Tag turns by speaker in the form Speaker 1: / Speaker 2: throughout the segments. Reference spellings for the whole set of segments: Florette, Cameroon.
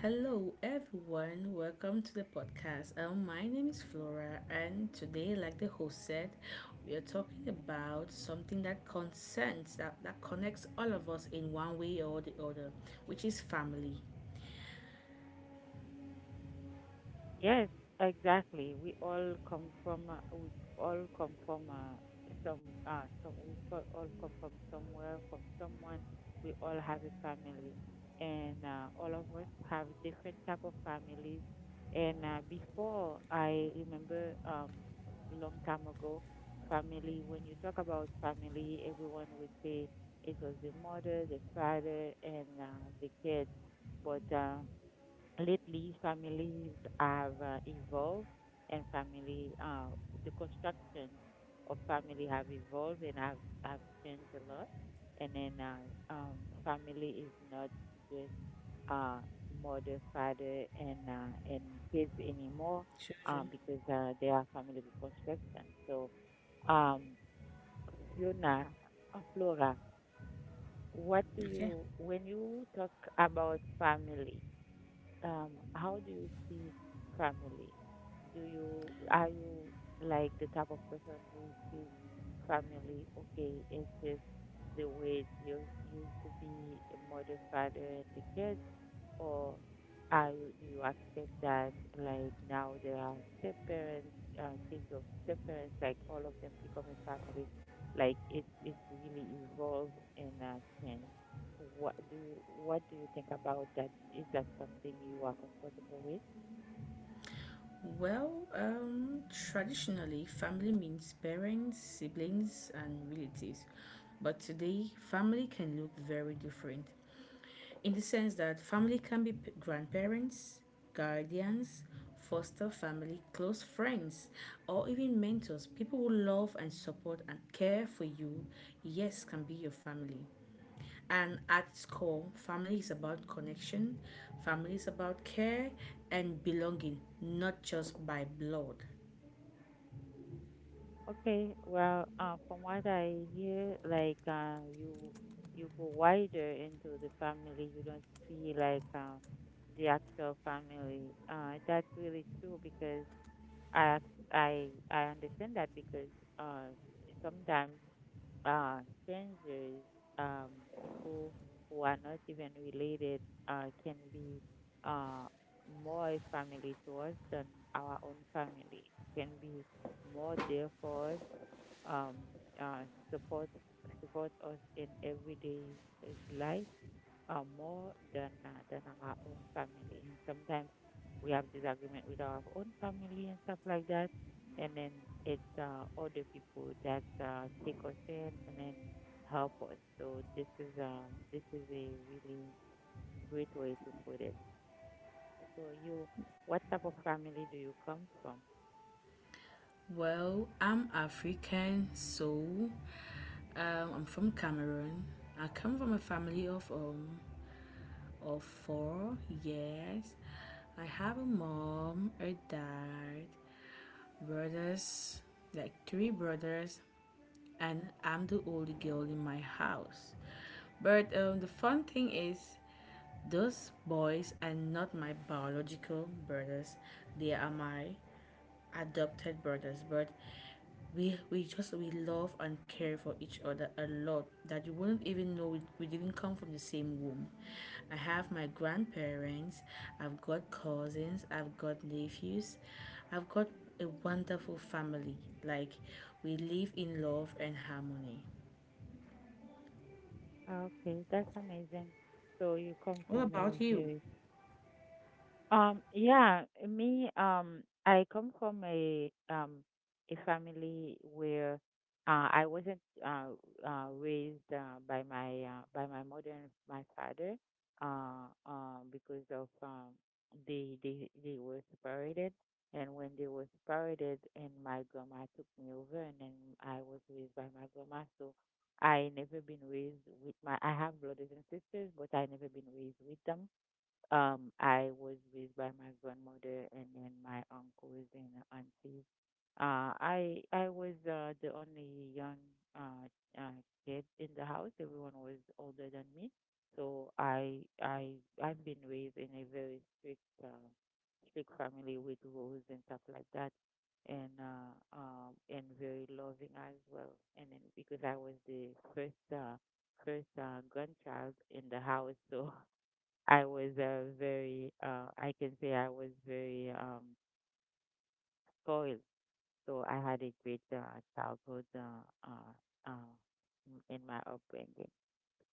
Speaker 1: Hello, everyone. Welcome to the podcast. My name is Flora, and today, like the host said, we are talking about something that concerns that connects all of us in one way or the other, which is family.
Speaker 2: Yes, exactly. We all come from we all come from some some we co- all come from somewhere, from someone. We all have a family, and all of us have different type of families. And before I remember a long time ago, family. When you talk about family, everyone would say it was the mother, the father, and the kids, but lately, families have evolved and the construction of family have evolved and have changed a lot. And then family is not just uh, mother, father, and kids anymore,
Speaker 1: Children.
Speaker 2: because there are family reconstruction. So, um, Fiona, Flora,
Speaker 1: Okay.
Speaker 2: when you talk about family, um, how do you see family? Do you are you like the type of person who sees family, okay, it's just the way it used to be, a mother, father, and the kids? Or are you, do you accept that like now there are step parents, kids of step parents, like all of them become a family, like it's really evolved and changed. What do you think about that? Is that something you are comfortable with?
Speaker 1: Well, traditionally, family means parents, siblings, and relatives. But today, family can look very different, in the sense that family can be grandparents, guardians, foster family, close friends, or even mentors. People who love and support and care for you, yes, can be your family. And at its core, family is about connection, family is about care and belonging, not just by blood.
Speaker 2: Okay, well, from what I hear, like you you go wider into the family. You don't see like the actual family. That's really true because I ac- I understand that because uh, sometimes strangers, people who are not even related, can be uh, more family to us than our own family. Can be more there for us. Um, uh, support support us in everyday uh, life more than our own family. And sometimes we have disagreement with our own family and stuff like that. And then it's other people that take us in and then help us. So this is a really great way to put it. So you, what type of family do you come from?
Speaker 1: Well, I'm African, so I'm from Cameroon. I come from a family of or four, yes. I have a mom, a dad, brothers, like three brothers, and I'm the only girl in my house. But the fun thing is, those boys are not my biological brothers, they are my adopted brothers, but we just we love and care for each other a lot that you wouldn't even know we didn't come from the same womb. I have my grandparents, I've got cousins, I've got nephews, I've got a wonderful family. Like, we live in love and harmony.
Speaker 2: Okay, that's amazing. So you come
Speaker 1: What
Speaker 2: from a
Speaker 1: about you?
Speaker 2: very— yeah, me, I come from a family where I wasn't raised by my mother and my father because of they were separated, and when they were separated, and my grandma took me over, and then I was raised by my grandma. So I never been raised with my— I have brothers and sisters, but I never been raised with them. I was raised by my grandmother and then my uncles and aunties. I was the only young uh, uh, kid in the house. Everyone was older than me, so I've been raised in a very strict strict family with rules and stuff like that, and very loving as well. And then because I was the first grandchild in the house, so I was I can say I was very spoiled. So I had a great childhood uh, uh, in my upbringing.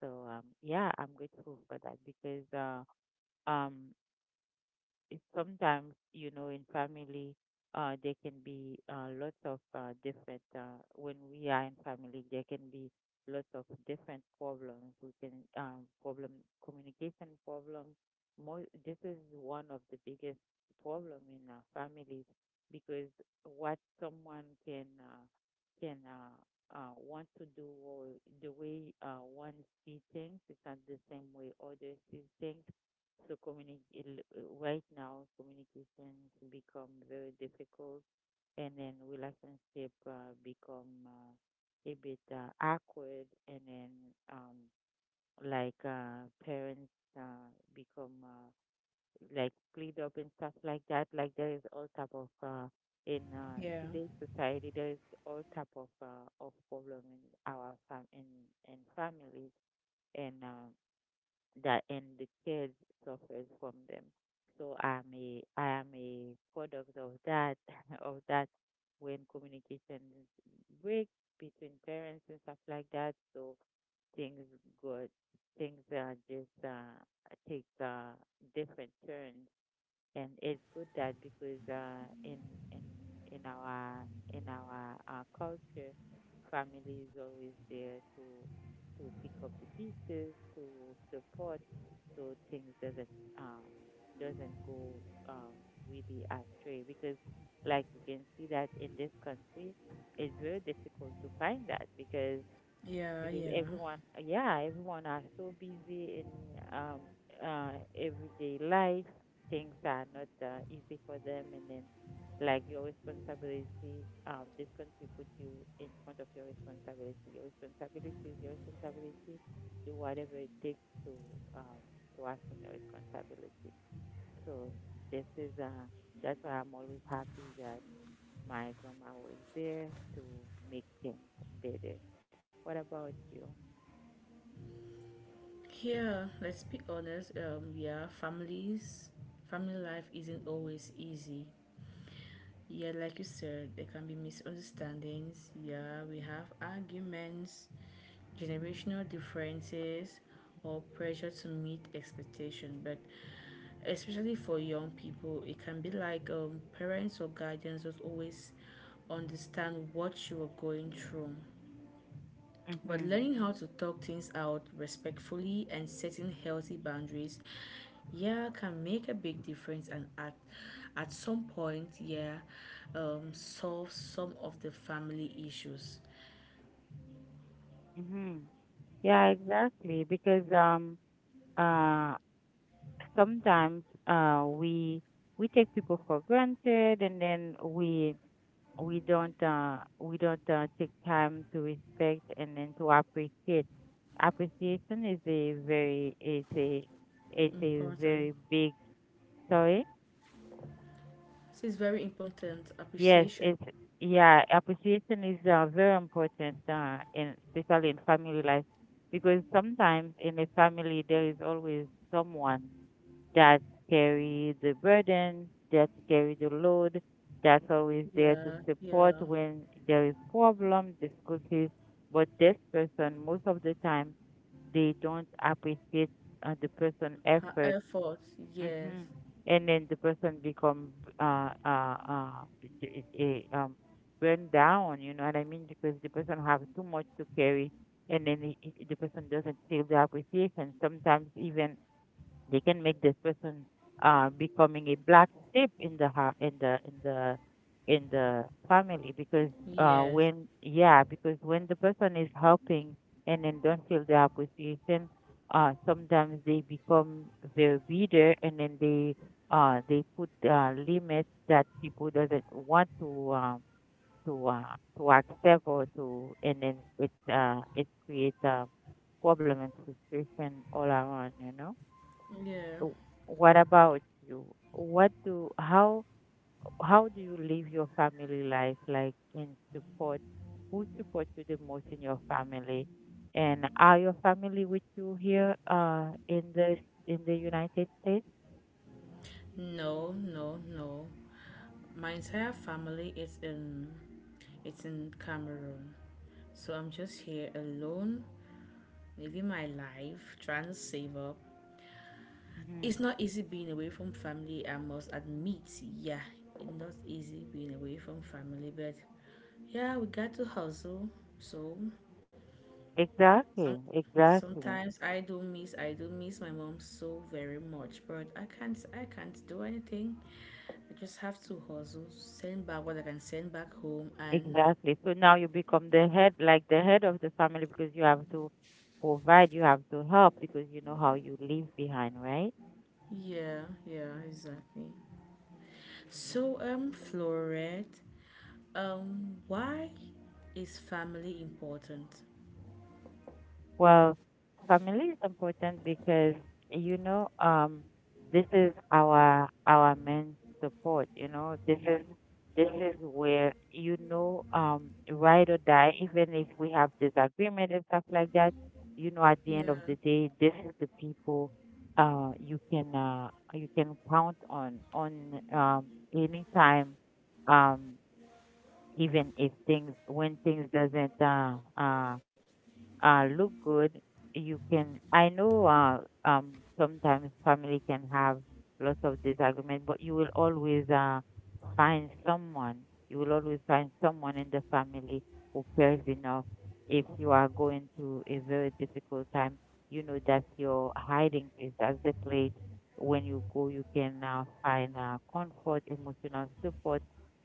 Speaker 2: So yeah, I'm grateful for that because um, it- sometimes you know in family there can be lots of different when we are in family there can be lots of different problems we can problem communication problems. More This is one of the biggest problem in our families because what someone can can uh, want to do, or the way one see things is not the same way others see things. So communicate right now, communications become very difficult, and then relationship become a bit awkward, and then um, like parents become like split up and stuff like that. Like there is all type of in
Speaker 1: yeah
Speaker 2: today's society, there is all type of problem in our fam in families, and that, and the kids suffers from them. So I am a product of that of that when communication break between parents and stuff like that. So things got things just take different turns. And it's good that because in in our in our culture, family is always there to pick up the pieces, to support, so things um doesn't go uh, really astray, because like you can see that in this country, it's very difficult to find that because—
Speaker 1: yeah
Speaker 2: because
Speaker 1: yeah
Speaker 2: everyone, yeah, everyone are so busy in um, everyday life. Things are not easy for them, and then like your responsibility, this country put you in front of your responsibility. Your responsibility is your responsibility. Do whatever it takes um, to assume your responsibility. So this is that's why I'm always happy that my grandma was there to make things better. What about you?
Speaker 1: yeah Let's be honest. Yeah, families family life isn't always easy. Yeah, like you said, there can be misunderstandings. Yeah, we have arguments, generational differences, or pressure to meet expectation. But especially for young people, it can be like parents or guardians that always understand what you are going through. But
Speaker 2: Mm-hmm.
Speaker 1: learning how to talk things out respectfully and setting healthy boundaries, yeah, can make a big difference and at some point, yeah, solve some of the family issues.
Speaker 2: Mm-hmm. Yeah, exactly. Because uh sometimes we take people for granted, and then we we don't take time to respect and then to appreciate. Appreciation is a very— it's a
Speaker 1: Important.
Speaker 2: very big— sorry.
Speaker 1: This is very important.
Speaker 2: Yes,
Speaker 1: Appreciation.
Speaker 2: it's— yeah, appreciation is very important in especially in family life, because sometimes in a family there is always someone that carry the burden, that carry the load, that's always there to
Speaker 1: Yeah,
Speaker 2: support
Speaker 1: yeah.
Speaker 2: when there is problem, difficulties. But this person, most of the time, they don't appreciate the person'
Speaker 1: Her
Speaker 2: effort.
Speaker 1: effort. Yes,
Speaker 2: Mm-hmm. And then the person become uh uh uh d- eh, um burned down, you know what I mean? Because the person have too much to carry, and then the person doesn't feel the appreciation. Sometimes even they can make this person becoming a black sheep in the in the family, because
Speaker 1: yes,
Speaker 2: when— yeah, because when the person is helping and then don't feel the appreciation, sometimes they become very bitter, and then they put limits that people doesn't want to to accept, or to— and then it it creates a problem and frustration all around,
Speaker 1: yeah.
Speaker 2: w- what about you? What do how do you live your family life, like in support? Who supports you the most in your family? And are your family with you here in the United States?
Speaker 1: No, no, no. My entire family is in, it's in Cameroon. So I'm just here alone living my life, trying to save up. It's
Speaker 2: Hmm.
Speaker 1: not easy being away from family, I must admit. Yeah, it's not easy being away from family, but yeah, we got to hustle. So some,
Speaker 2: Exactly, exactly,
Speaker 1: sometimes I do miss my mom so very much, but I can't do anything. I just have to hustle, send back what I can send back home. And
Speaker 2: exactly. So now you become the head, like the head of the family, because you have to provide, you have to help, because you know how you leave behind, right?
Speaker 1: yeah, yeah,
Speaker 2: Hmm.
Speaker 1: exactly.
Speaker 2: Hmm.
Speaker 1: So, Florette, why is family important?
Speaker 2: Well, family is important because, you know, this is our main support. You know, this is where, you know, ride or die. Even if we have disagreement and stuff like that, you know, at
Speaker 1: Yeah,
Speaker 2: the end of the day, this is the people you can count on anytime, um even if things— when things doesn't look good. You can— I know sometimes family can have lots of disagreement, but you will always find someone. You will always find someone in the family who cares enough. If you are going through a very difficult time, you know that your hiding place. That's the place when you go, you can find comfort, emotional support,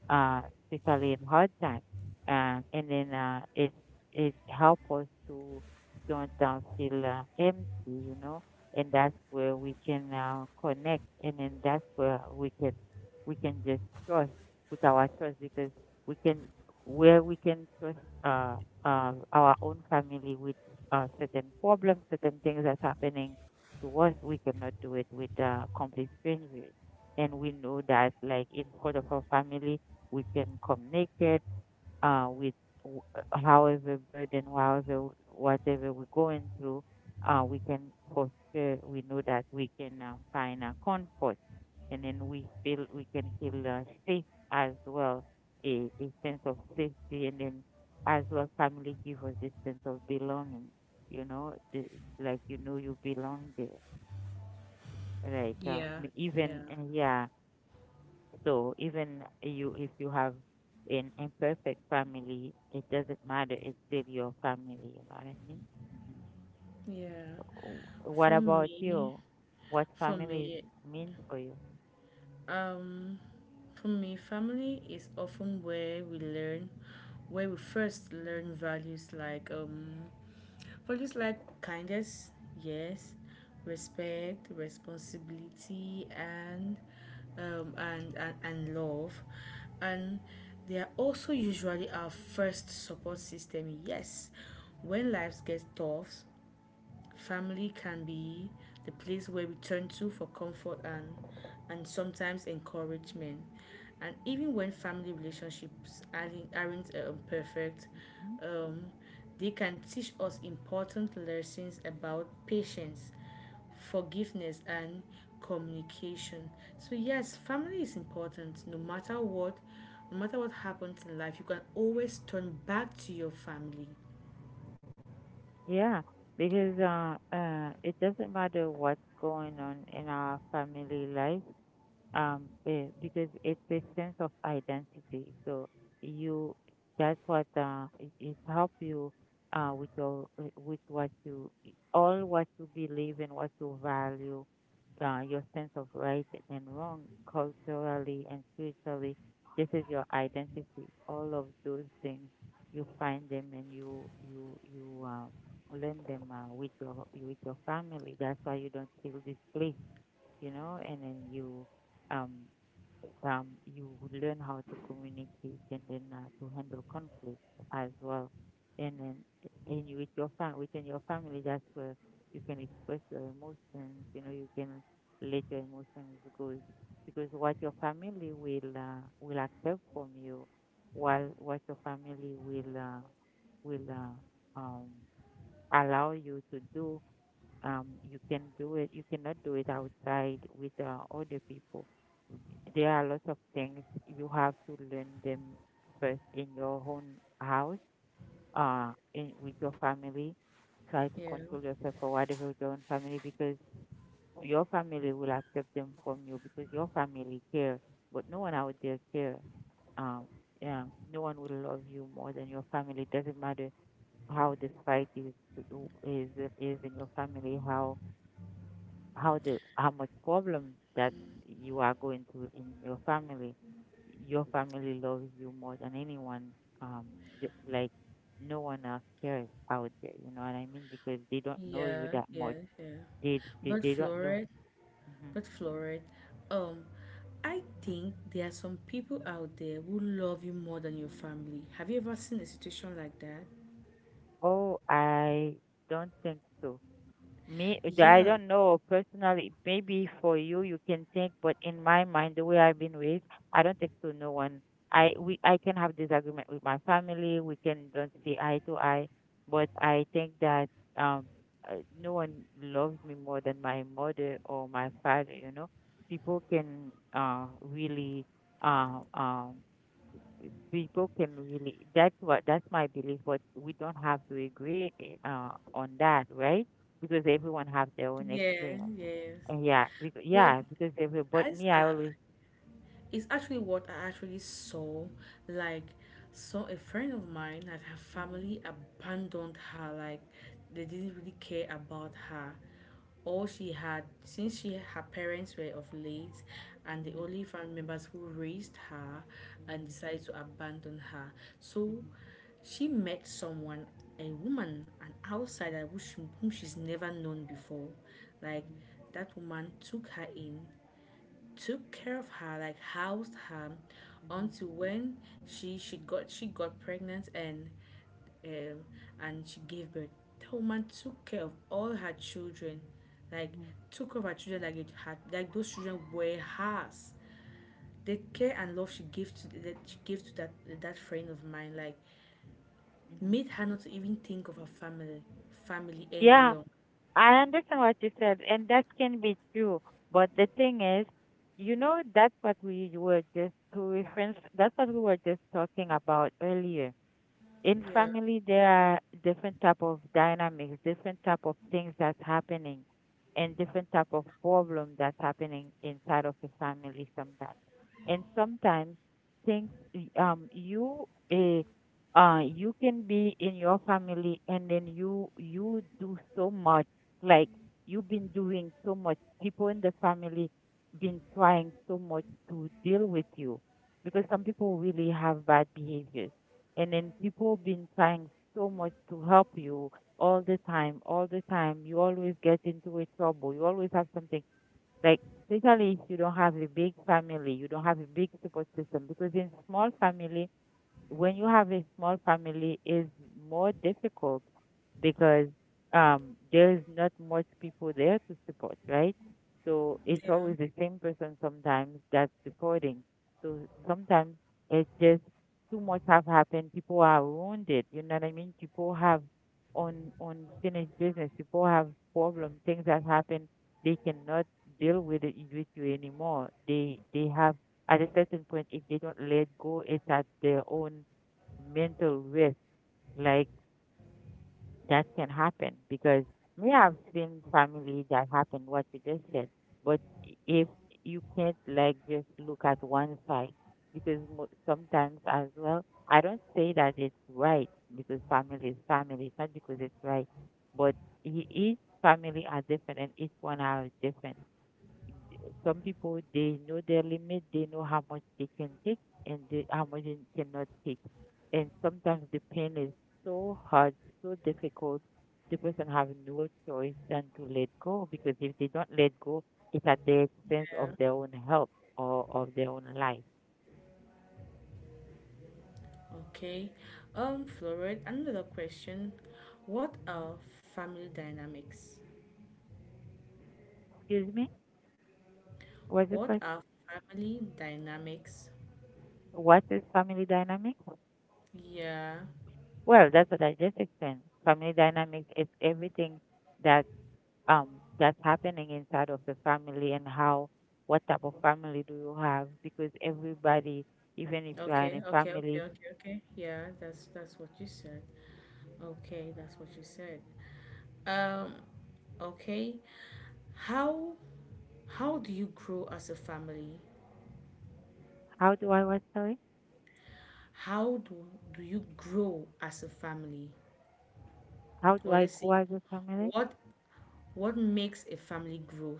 Speaker 2: uh, especially in hard times. And then it it help us to don't feel empty, you know, and that's where we can connect, and then that's where we can just trust, put our trust, because we can we can trust uh, our own family with certain problems, certain things that's happening to us, we cannot do it with complete strangers, and we know that like in front of our family we can come naked uh, with however burden, however whatever we're going through, we can for sure— we know that we can find a comfort, and then we can feel safe as well, a sense of safety, and then as well family give us this sense of belonging. You know, the— like, you know, you belong there. Like
Speaker 1: yeah, yeah,
Speaker 2: even yeah, so even you, if you have an imperfect family, it doesn't matter. It's still your family. You know what I mean? Hmm.
Speaker 1: yeah.
Speaker 2: What
Speaker 1: For
Speaker 2: about
Speaker 1: me,
Speaker 2: you? What
Speaker 1: for
Speaker 2: families
Speaker 1: me,
Speaker 2: mean for you?
Speaker 1: um, for me, family is often where we learn, where we first learn values like kindness, yes, respect, responsibility, and love. And they are also usually our first support system. Yes, when lives get tough, family can be the place where we turn to for comfort and sometimes encouragement. And even when family relationships aren't perfect,
Speaker 2: Mhm.
Speaker 1: um, they can teach us important lessons about patience, forgiveness and communication. So yes, family is important no matter what. No matter what happens in life, you can always turn back to your family.
Speaker 2: Yeah, because it doesn't matter what's going on in our family life. Because it's a sense of identity, so you that's what it help you with your with what you all what you believe and what you value, your sense of right and wrong, culturally and spiritually. This is your identity, all of those things. You find them, and you learn them with your family. That's why you don't feel displaced, and then you um you would learn how to communicate, and then to handle conflict as well. And then and with your fam within your family, that's where you can express your emotions. You know, you can let your emotions go, because what your family will accept from you, while what your family will will uh, um allow you to do, you can do it. You cannot do it outside with other people. There are lots of things you have to learn them first in your own house, in with your family. Try to
Speaker 1: Yeah,
Speaker 2: control yourself or whatever with your own family, because your family will accept them from you, because your family care, but no one out there care. Um, yeah, no one will love you more than your family. It doesn't matter how the fight is is in your family, how the how much problem that you are going through in your family. Your family loves you more than anyone. um, like, no one else cares out there. You know what I mean? Because they don't know you
Speaker 1: yeah,
Speaker 2: that
Speaker 1: yeah,
Speaker 2: much.
Speaker 1: yeah.
Speaker 2: They they,
Speaker 1: but
Speaker 2: they don't know.
Speaker 1: floret
Speaker 2: hmm
Speaker 1: but floret um I think there are some people out there who love you more than your family. Have you ever seen a situation like that?
Speaker 2: Oh, I don't think so. Me, I
Speaker 1: Yeah,
Speaker 2: don't know personally. Maybe for you, you can think, but in my mind, the way I've been raised, I don't think to no one. I can have disagreement with my family. We can don't see eye to eye, but I think that um no one loves me more than my mother or my father. You know, people can really uh um that's what, that's my belief, but we don't have to agree on that, right? Because everyone have their own
Speaker 1: yeah,
Speaker 2: experience.
Speaker 1: yes.
Speaker 2: And
Speaker 1: but
Speaker 2: yeah, because every but
Speaker 1: as
Speaker 2: me,
Speaker 1: I,
Speaker 2: I always
Speaker 1: it's actually what I actually saw. Like, saw a friend of mine, like her
Speaker 2: Mhm,
Speaker 1: family abandoned her. Like, they didn't really care about her. All she had, since she her parents were of late, and the
Speaker 2: mhm,
Speaker 1: only family members who raised her, and
Speaker 2: mhm,
Speaker 1: decided to abandon her. So
Speaker 2: mhm,
Speaker 1: she met someone, a woman, an outsider who whom she's never known before. Like,
Speaker 2: mhm,
Speaker 1: that woman took her in, took care of her, like housed her,
Speaker 2: mhm, mhm,
Speaker 1: until when she got pregnant um, and she gave birth. That woman took care of all her children, like
Speaker 2: mhm,
Speaker 1: took care of her children like it had like those children were hers. The care and love she gave to that that friend of mine like
Speaker 2: mhm.
Speaker 1: made her not to even think of her family any
Speaker 2: yeah,
Speaker 1: longer.
Speaker 2: I understand what you said, and that can be true, but the thing is, you know, that's what we were just to reference, that's what we were just talking about earlier. In
Speaker 1: Yeah.
Speaker 2: family, there are different type of dynamics, different type of things that's happening, and different type of problem that's happening inside of the family sometimes. And sometimes things, um you eh, you can be in your family, and then you do so much, like, you've been doing so much, people in the family been trying so much to deal with you, because some people really have bad behaviors, and then people been trying so much to help you all the time, all the time. You always get into a trouble. You always have something, like, especially if you don't have a big family, you don't have a big support system, because in small family, when you have a small family, is more difficult, because there's not much people there to support, right? So it's
Speaker 1: Yeah.
Speaker 2: always the same person sometimes that's supporting. So sometimes it's just too much have happened. People are wounded. You know what I mean? People have on unfinished business. People have problem. Things that happen, they cannot deal with it with you anymore. They have at a certain point if they don't let go, it's at their own mental risk. Like, that can happen, because we have seen family that happened what you just said. But if you can't like just look at one side, because sometimes as well, I don't say that it's right, because family is family. It's not because it's right, but each family are different and each one are different. Some people they know their limit, they know how much they can take, and how much they cannot take. And sometimes the pain is so hard, so difficult. The person have no choice than to let go, because if they don't let go, it's at the expense
Speaker 1: Yeah.
Speaker 2: of their own health or of their own life.
Speaker 1: Okay. Florid, another question. What
Speaker 2: hmm
Speaker 1: are family dynamics?
Speaker 2: Excuse me? What's the
Speaker 1: What
Speaker 2: question?
Speaker 1: are family dynamics?
Speaker 2: What is family dynamics?
Speaker 1: Yeah.
Speaker 2: Well, that's what I just explained. Family dynamics is everything that that's happening inside of the family, and how, what type of family do you have, because everybody, even if you are in
Speaker 1: Okay,
Speaker 2: a
Speaker 1: okay, okay,
Speaker 2: family,
Speaker 1: okay, okay. Yeah, that's what you said. Okay, that's what you said. Um, okay. How do you grow as a family?
Speaker 2: how do I what, sorry?
Speaker 1: How do you grow as a family?
Speaker 2: How do
Speaker 1: Or
Speaker 2: I
Speaker 1: let's
Speaker 2: grow
Speaker 1: see,
Speaker 2: as a family,
Speaker 1: what what makes a family grow?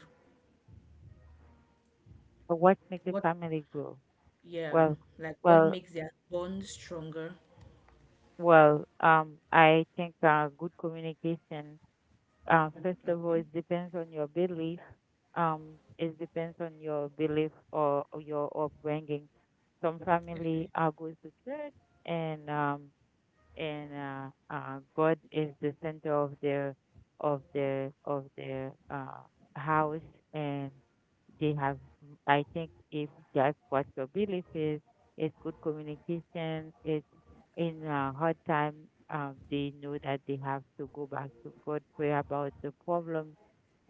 Speaker 2: or what makes a
Speaker 1: What
Speaker 2: family grow?
Speaker 1: Yeah,
Speaker 2: well
Speaker 1: like what
Speaker 2: well
Speaker 1: makes their bond stronger.
Speaker 2: well, I think, good communication. First of all,
Speaker 1: Okay,
Speaker 2: it depends on your belief. It depends on your belief, or your upbringing. Some
Speaker 1: okay,
Speaker 2: family, goes to church, and God is the center of the of the of the uh, house, and they have. I think if that's what your belief is, it's good communication. It's in a hard time. They know that they have to go back to God, pray about the problem,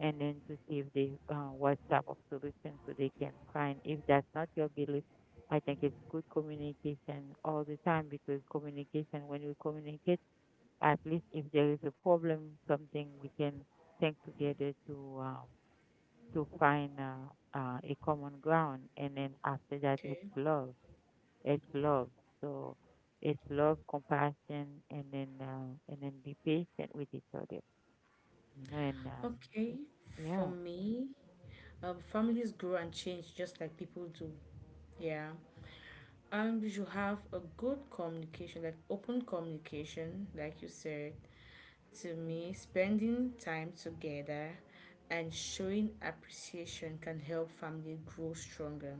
Speaker 2: and then to see if they what type of solution so they can find. If that's not your belief, I think it's good communication all the time, because communication, when we communicate, at least if there is a problem, something we can think together to find a common ground, and then after that, it's
Speaker 1: okay.
Speaker 2: love. It's love. So it's love, compassion, and then be patient with each other. You know,
Speaker 1: Okay,
Speaker 2: it-
Speaker 1: for
Speaker 2: yeah.
Speaker 1: me, families grow and change just like people do. Yeah. And we should have a good communication, like open communication, like you said. To
Speaker 2: hmm
Speaker 1: me, spending time together and showing appreciation can help family grow stronger.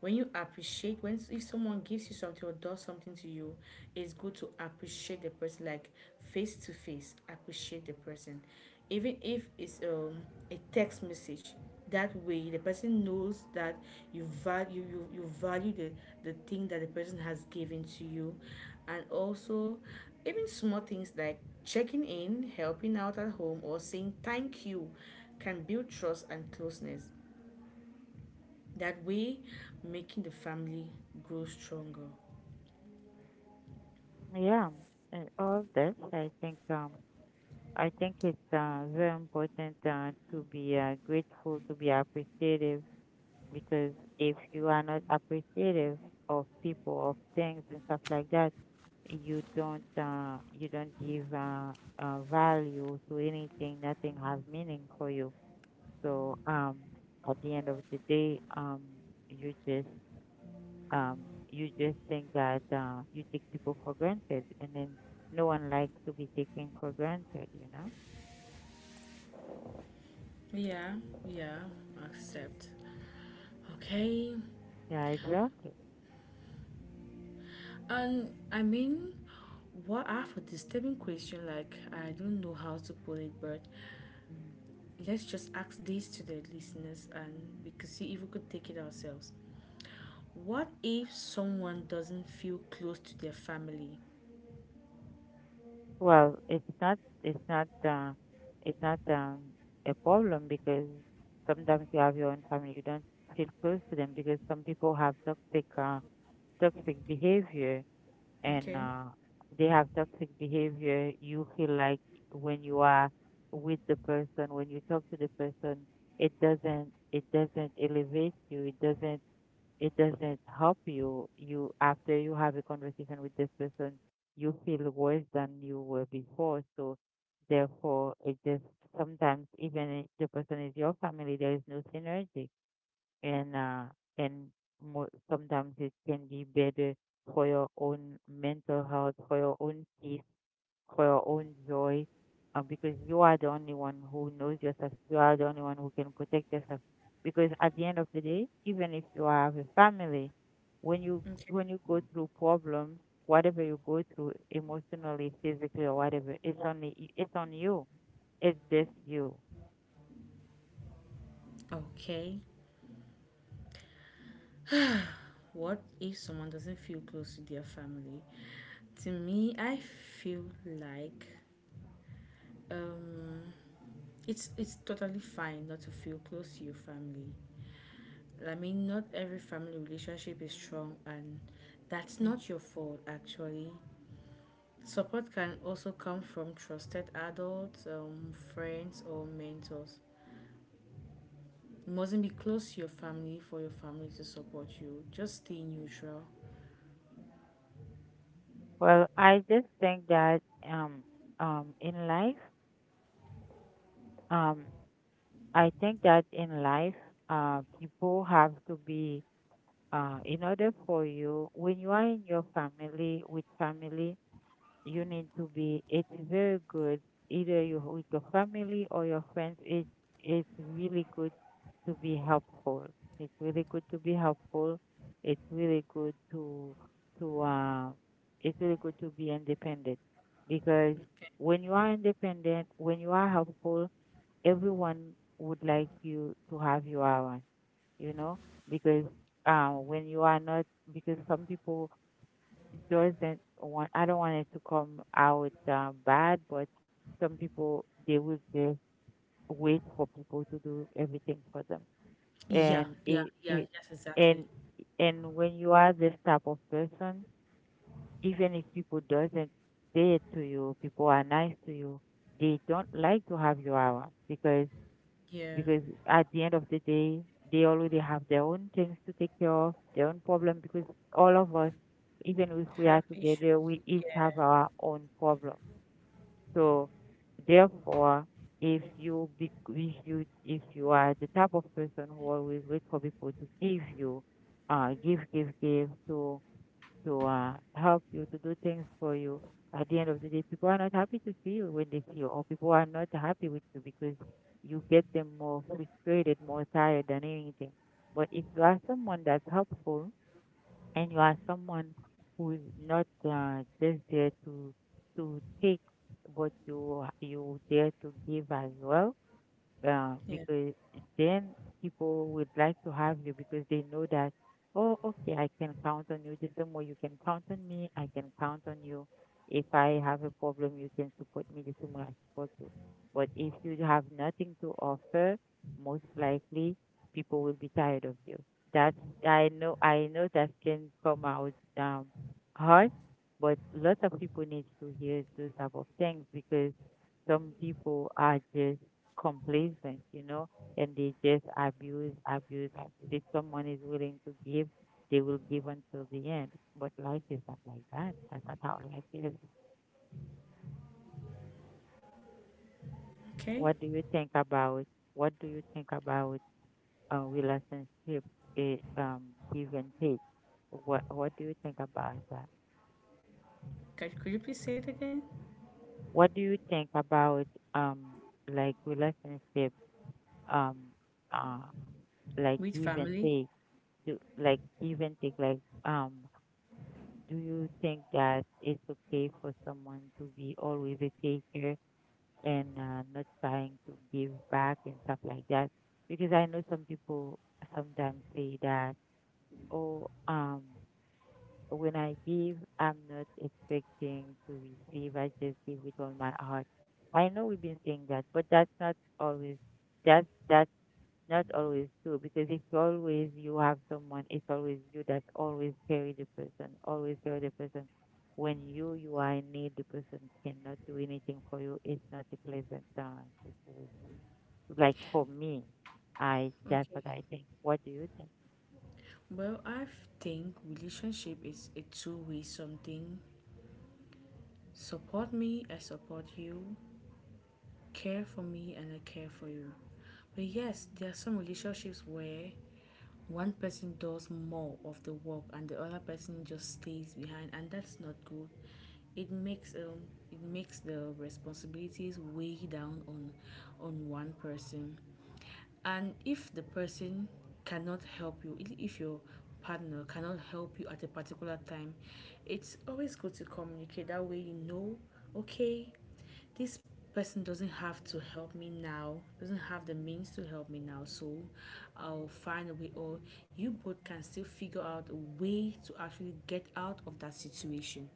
Speaker 1: When you appreciate, when if someone gives you something or does something to you, it's good to appreciate the person, like face to face appreciate the person, even if it's a text message. That way the person knows that you you value the thing that the person has given to you. And also, even small things like checking in, helping out at home or saying thank you can build trust and closeness, that way making the family grow stronger.
Speaker 2: yeah, and all of this, I think. I think it's very important to be grateful, to be appreciative, because if you are not appreciative of people, of things, and stuff like that, you don't give value to anything. Nothing has meaning for you. So at the end of the day, you just you just think that you take people for granted, and then no one likes to be taken for granted. You know?
Speaker 1: Yeah, yeah, accept. Okay,
Speaker 2: Yeah, exactly.
Speaker 1: and I mean, what are for disturbing question? Like, I don't know how to put it, but
Speaker 2: Mhm.
Speaker 1: let's just ask this to the listeners and we could see if we could take it ourselves. What if someone doesn't feel close to their family?
Speaker 2: Well, it's not, it's not uh it's not um a problem, because sometimes you have your own family, you don't feel close to them, because some people have toxic toxic behavior and
Speaker 1: Okay.
Speaker 2: they have toxic behavior. You feel like when you are with the person, when you talk to the person, it doesn't elevate you, it doesn't help you. You, after you have a conversation with this person, you feel worse than you were before. So therefore, it just, sometimes even if the person is your family, there is no synergy, and uh, and mo sometimes it can be better for your own mental health, for your own peace, for your own joy, because you are the only one who knows yourself. You are the only one who can protect yourself. Because at the end of the day, even if you have a family, when you when
Speaker 1: Okay.
Speaker 2: you go through problems, whatever you go through emotionally, physically, or whatever, it's on you. It's just you.
Speaker 1: Okay, what if someone doesn't feel close to their family? To me, I feel like um, it's totally fine not to feel close to your family. I mean, not every family relationship is strong, and that's
Speaker 2: Mhm.
Speaker 1: not your fault. Actually, support can also come from trusted adults, friends, or mentors. You mustn't be close to your family for your family to support you. Just stay neutral.
Speaker 2: Well, I just think that um in life, um I think that in life, people have to be, in order for you, when you are in your family, with family, you need to be, it's very good, either you with your family or your friends, it's really good to be helpful. It's really good to be helpful. It's really good to, uh, to be independent, because
Speaker 1: Okay.
Speaker 2: when you are independent, when you are helpful, everyone would like you to have you around, you know, because when you are not, because some people doesn't want, I don't want it to come out bad, but some people they will just wait for people to do everything for them,
Speaker 1: Yeah,
Speaker 2: and
Speaker 1: yeah,
Speaker 2: it
Speaker 1: yeah.
Speaker 2: it
Speaker 1: Yes,
Speaker 2: and
Speaker 1: exactly.
Speaker 2: and when you are this type of person, even if people doesn't say it to you, people are nice to you, they don't like to have you around, because
Speaker 1: Yeah.
Speaker 2: because at the end of the day, they already have their own things to take care of, their own problem, because all of us, even if we are
Speaker 1: Have issues.
Speaker 2: together, we each
Speaker 1: Yeah.
Speaker 2: have our own problem. So therefore, if you be, if you are the type of person who always wait for people to give you, to help you, to do things for you. At the end of the day, people are not happy to see you when they see you, or people are not happy with you, because you get them more frustrated, more tired than anything. But if you are someone that's helpful, and you are someone who is not just there to take, but you there to give as well,
Speaker 1: Yeah.
Speaker 2: because then people would like to have you, because they know that, oh, okay, I can count on you. The same way you can count on me, I can count on you. If I have a problem, you can support me the same way I support you. But if you have nothing to offer, most likely people will be tired of you. That's, I know that can come out hard, but lots of people need to hear those type of things, because some people are just complacent, you know, and they just abuse, abuse, abuse. If someone is willing to give, they will give until the end. But life is not like that. That's not how life is.
Speaker 1: Okay.
Speaker 2: What do you think about? What do you think about relationship? eh, um, Give and take. What do you think about that?
Speaker 1: Could you please say it again?
Speaker 2: What do you think about um, like, relationship? Um, uh, like,
Speaker 1: With
Speaker 2: give and
Speaker 1: family.
Speaker 2: take, do like give and take, like, um do you think that it's okay for someone to be always a taker, and not trying to give back and stuff like that? Because I know some people sometimes say that, oh, when I give, I'm not expecting to receive. I just give with all my heart. I know we've been saying that, but that's not always, that's that. Not always too, because if always you have someone, it's always you that always carry the person, always carry the person. When you are in need, the person cannot do anything for you. It's not a pleasant situation. Like, for me, I that's
Speaker 1: Okay.
Speaker 2: what I think. What do you think?
Speaker 1: Well, I think relationship is a two-way something. Support me, I support you. Care for me, and I care for you. But yes, there are some relationships where one person does more of the work and the other person just stays behind, and that's not good. It makes um it makes the responsibilities weigh down on one person. And if the person cannot help you, if your partner cannot help you at a particular time, it's always good to communicate. That way, you know, okay, this person doesn't have to help me now, doesn't have the means to help me now, so I'll find a way, or you both can still figure out a way to actually get out of that situation.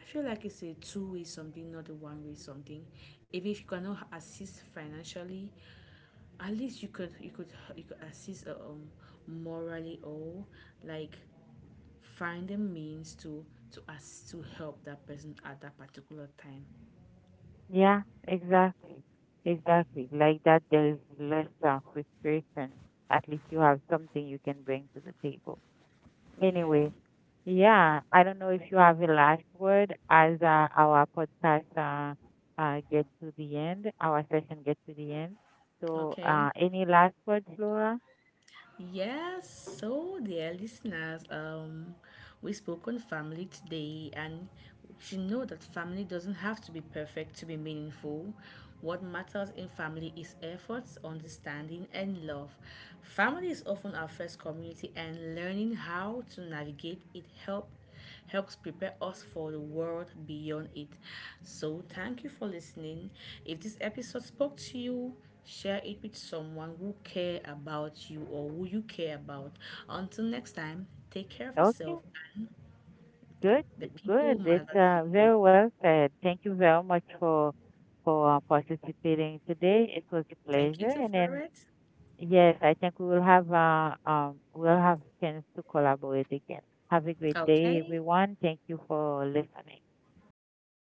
Speaker 1: I feel like it's a two-way something, not a one way something. Even if you cannot assist financially, at least you could assist morally or like find a means to ask to help that person at that particular time.
Speaker 2: Yeah, exactly, exactly. Like that, there is less frustration. At least you have something you can bring to the table.
Speaker 1: Yeah.
Speaker 2: Anyway, yeah, I don't know if you have a last word as our podcast gets to the end, our session gets to the end. So,
Speaker 1: Okay.
Speaker 2: any last words, Laura?
Speaker 1: Yes, so dear listeners, we spoke on family today, and you should know that family doesn't have to be perfect to be meaningful. What matters in family is efforts, understanding, and love. Family is often our first community, and learning how to navigate it helps prepare us for the world beyond it. So, thank you for listening. If this episode spoke to you, share it with someone who care about you or who you care about. Until next time, take care of
Speaker 2: Okay,
Speaker 1: yourself and
Speaker 2: good,
Speaker 1: the people who
Speaker 2: good. It's
Speaker 1: matter to you.
Speaker 2: very well said. Thank you very much for participating today. It was a
Speaker 1: Thank you
Speaker 2: pleasure,
Speaker 1: to
Speaker 2: and then
Speaker 1: Florette.
Speaker 2: yes, I think we will have we'll have chance to collaborate again. Have a great day,
Speaker 1: Okay,
Speaker 2: everyone. Thank you for listening.
Speaker 1: thank you.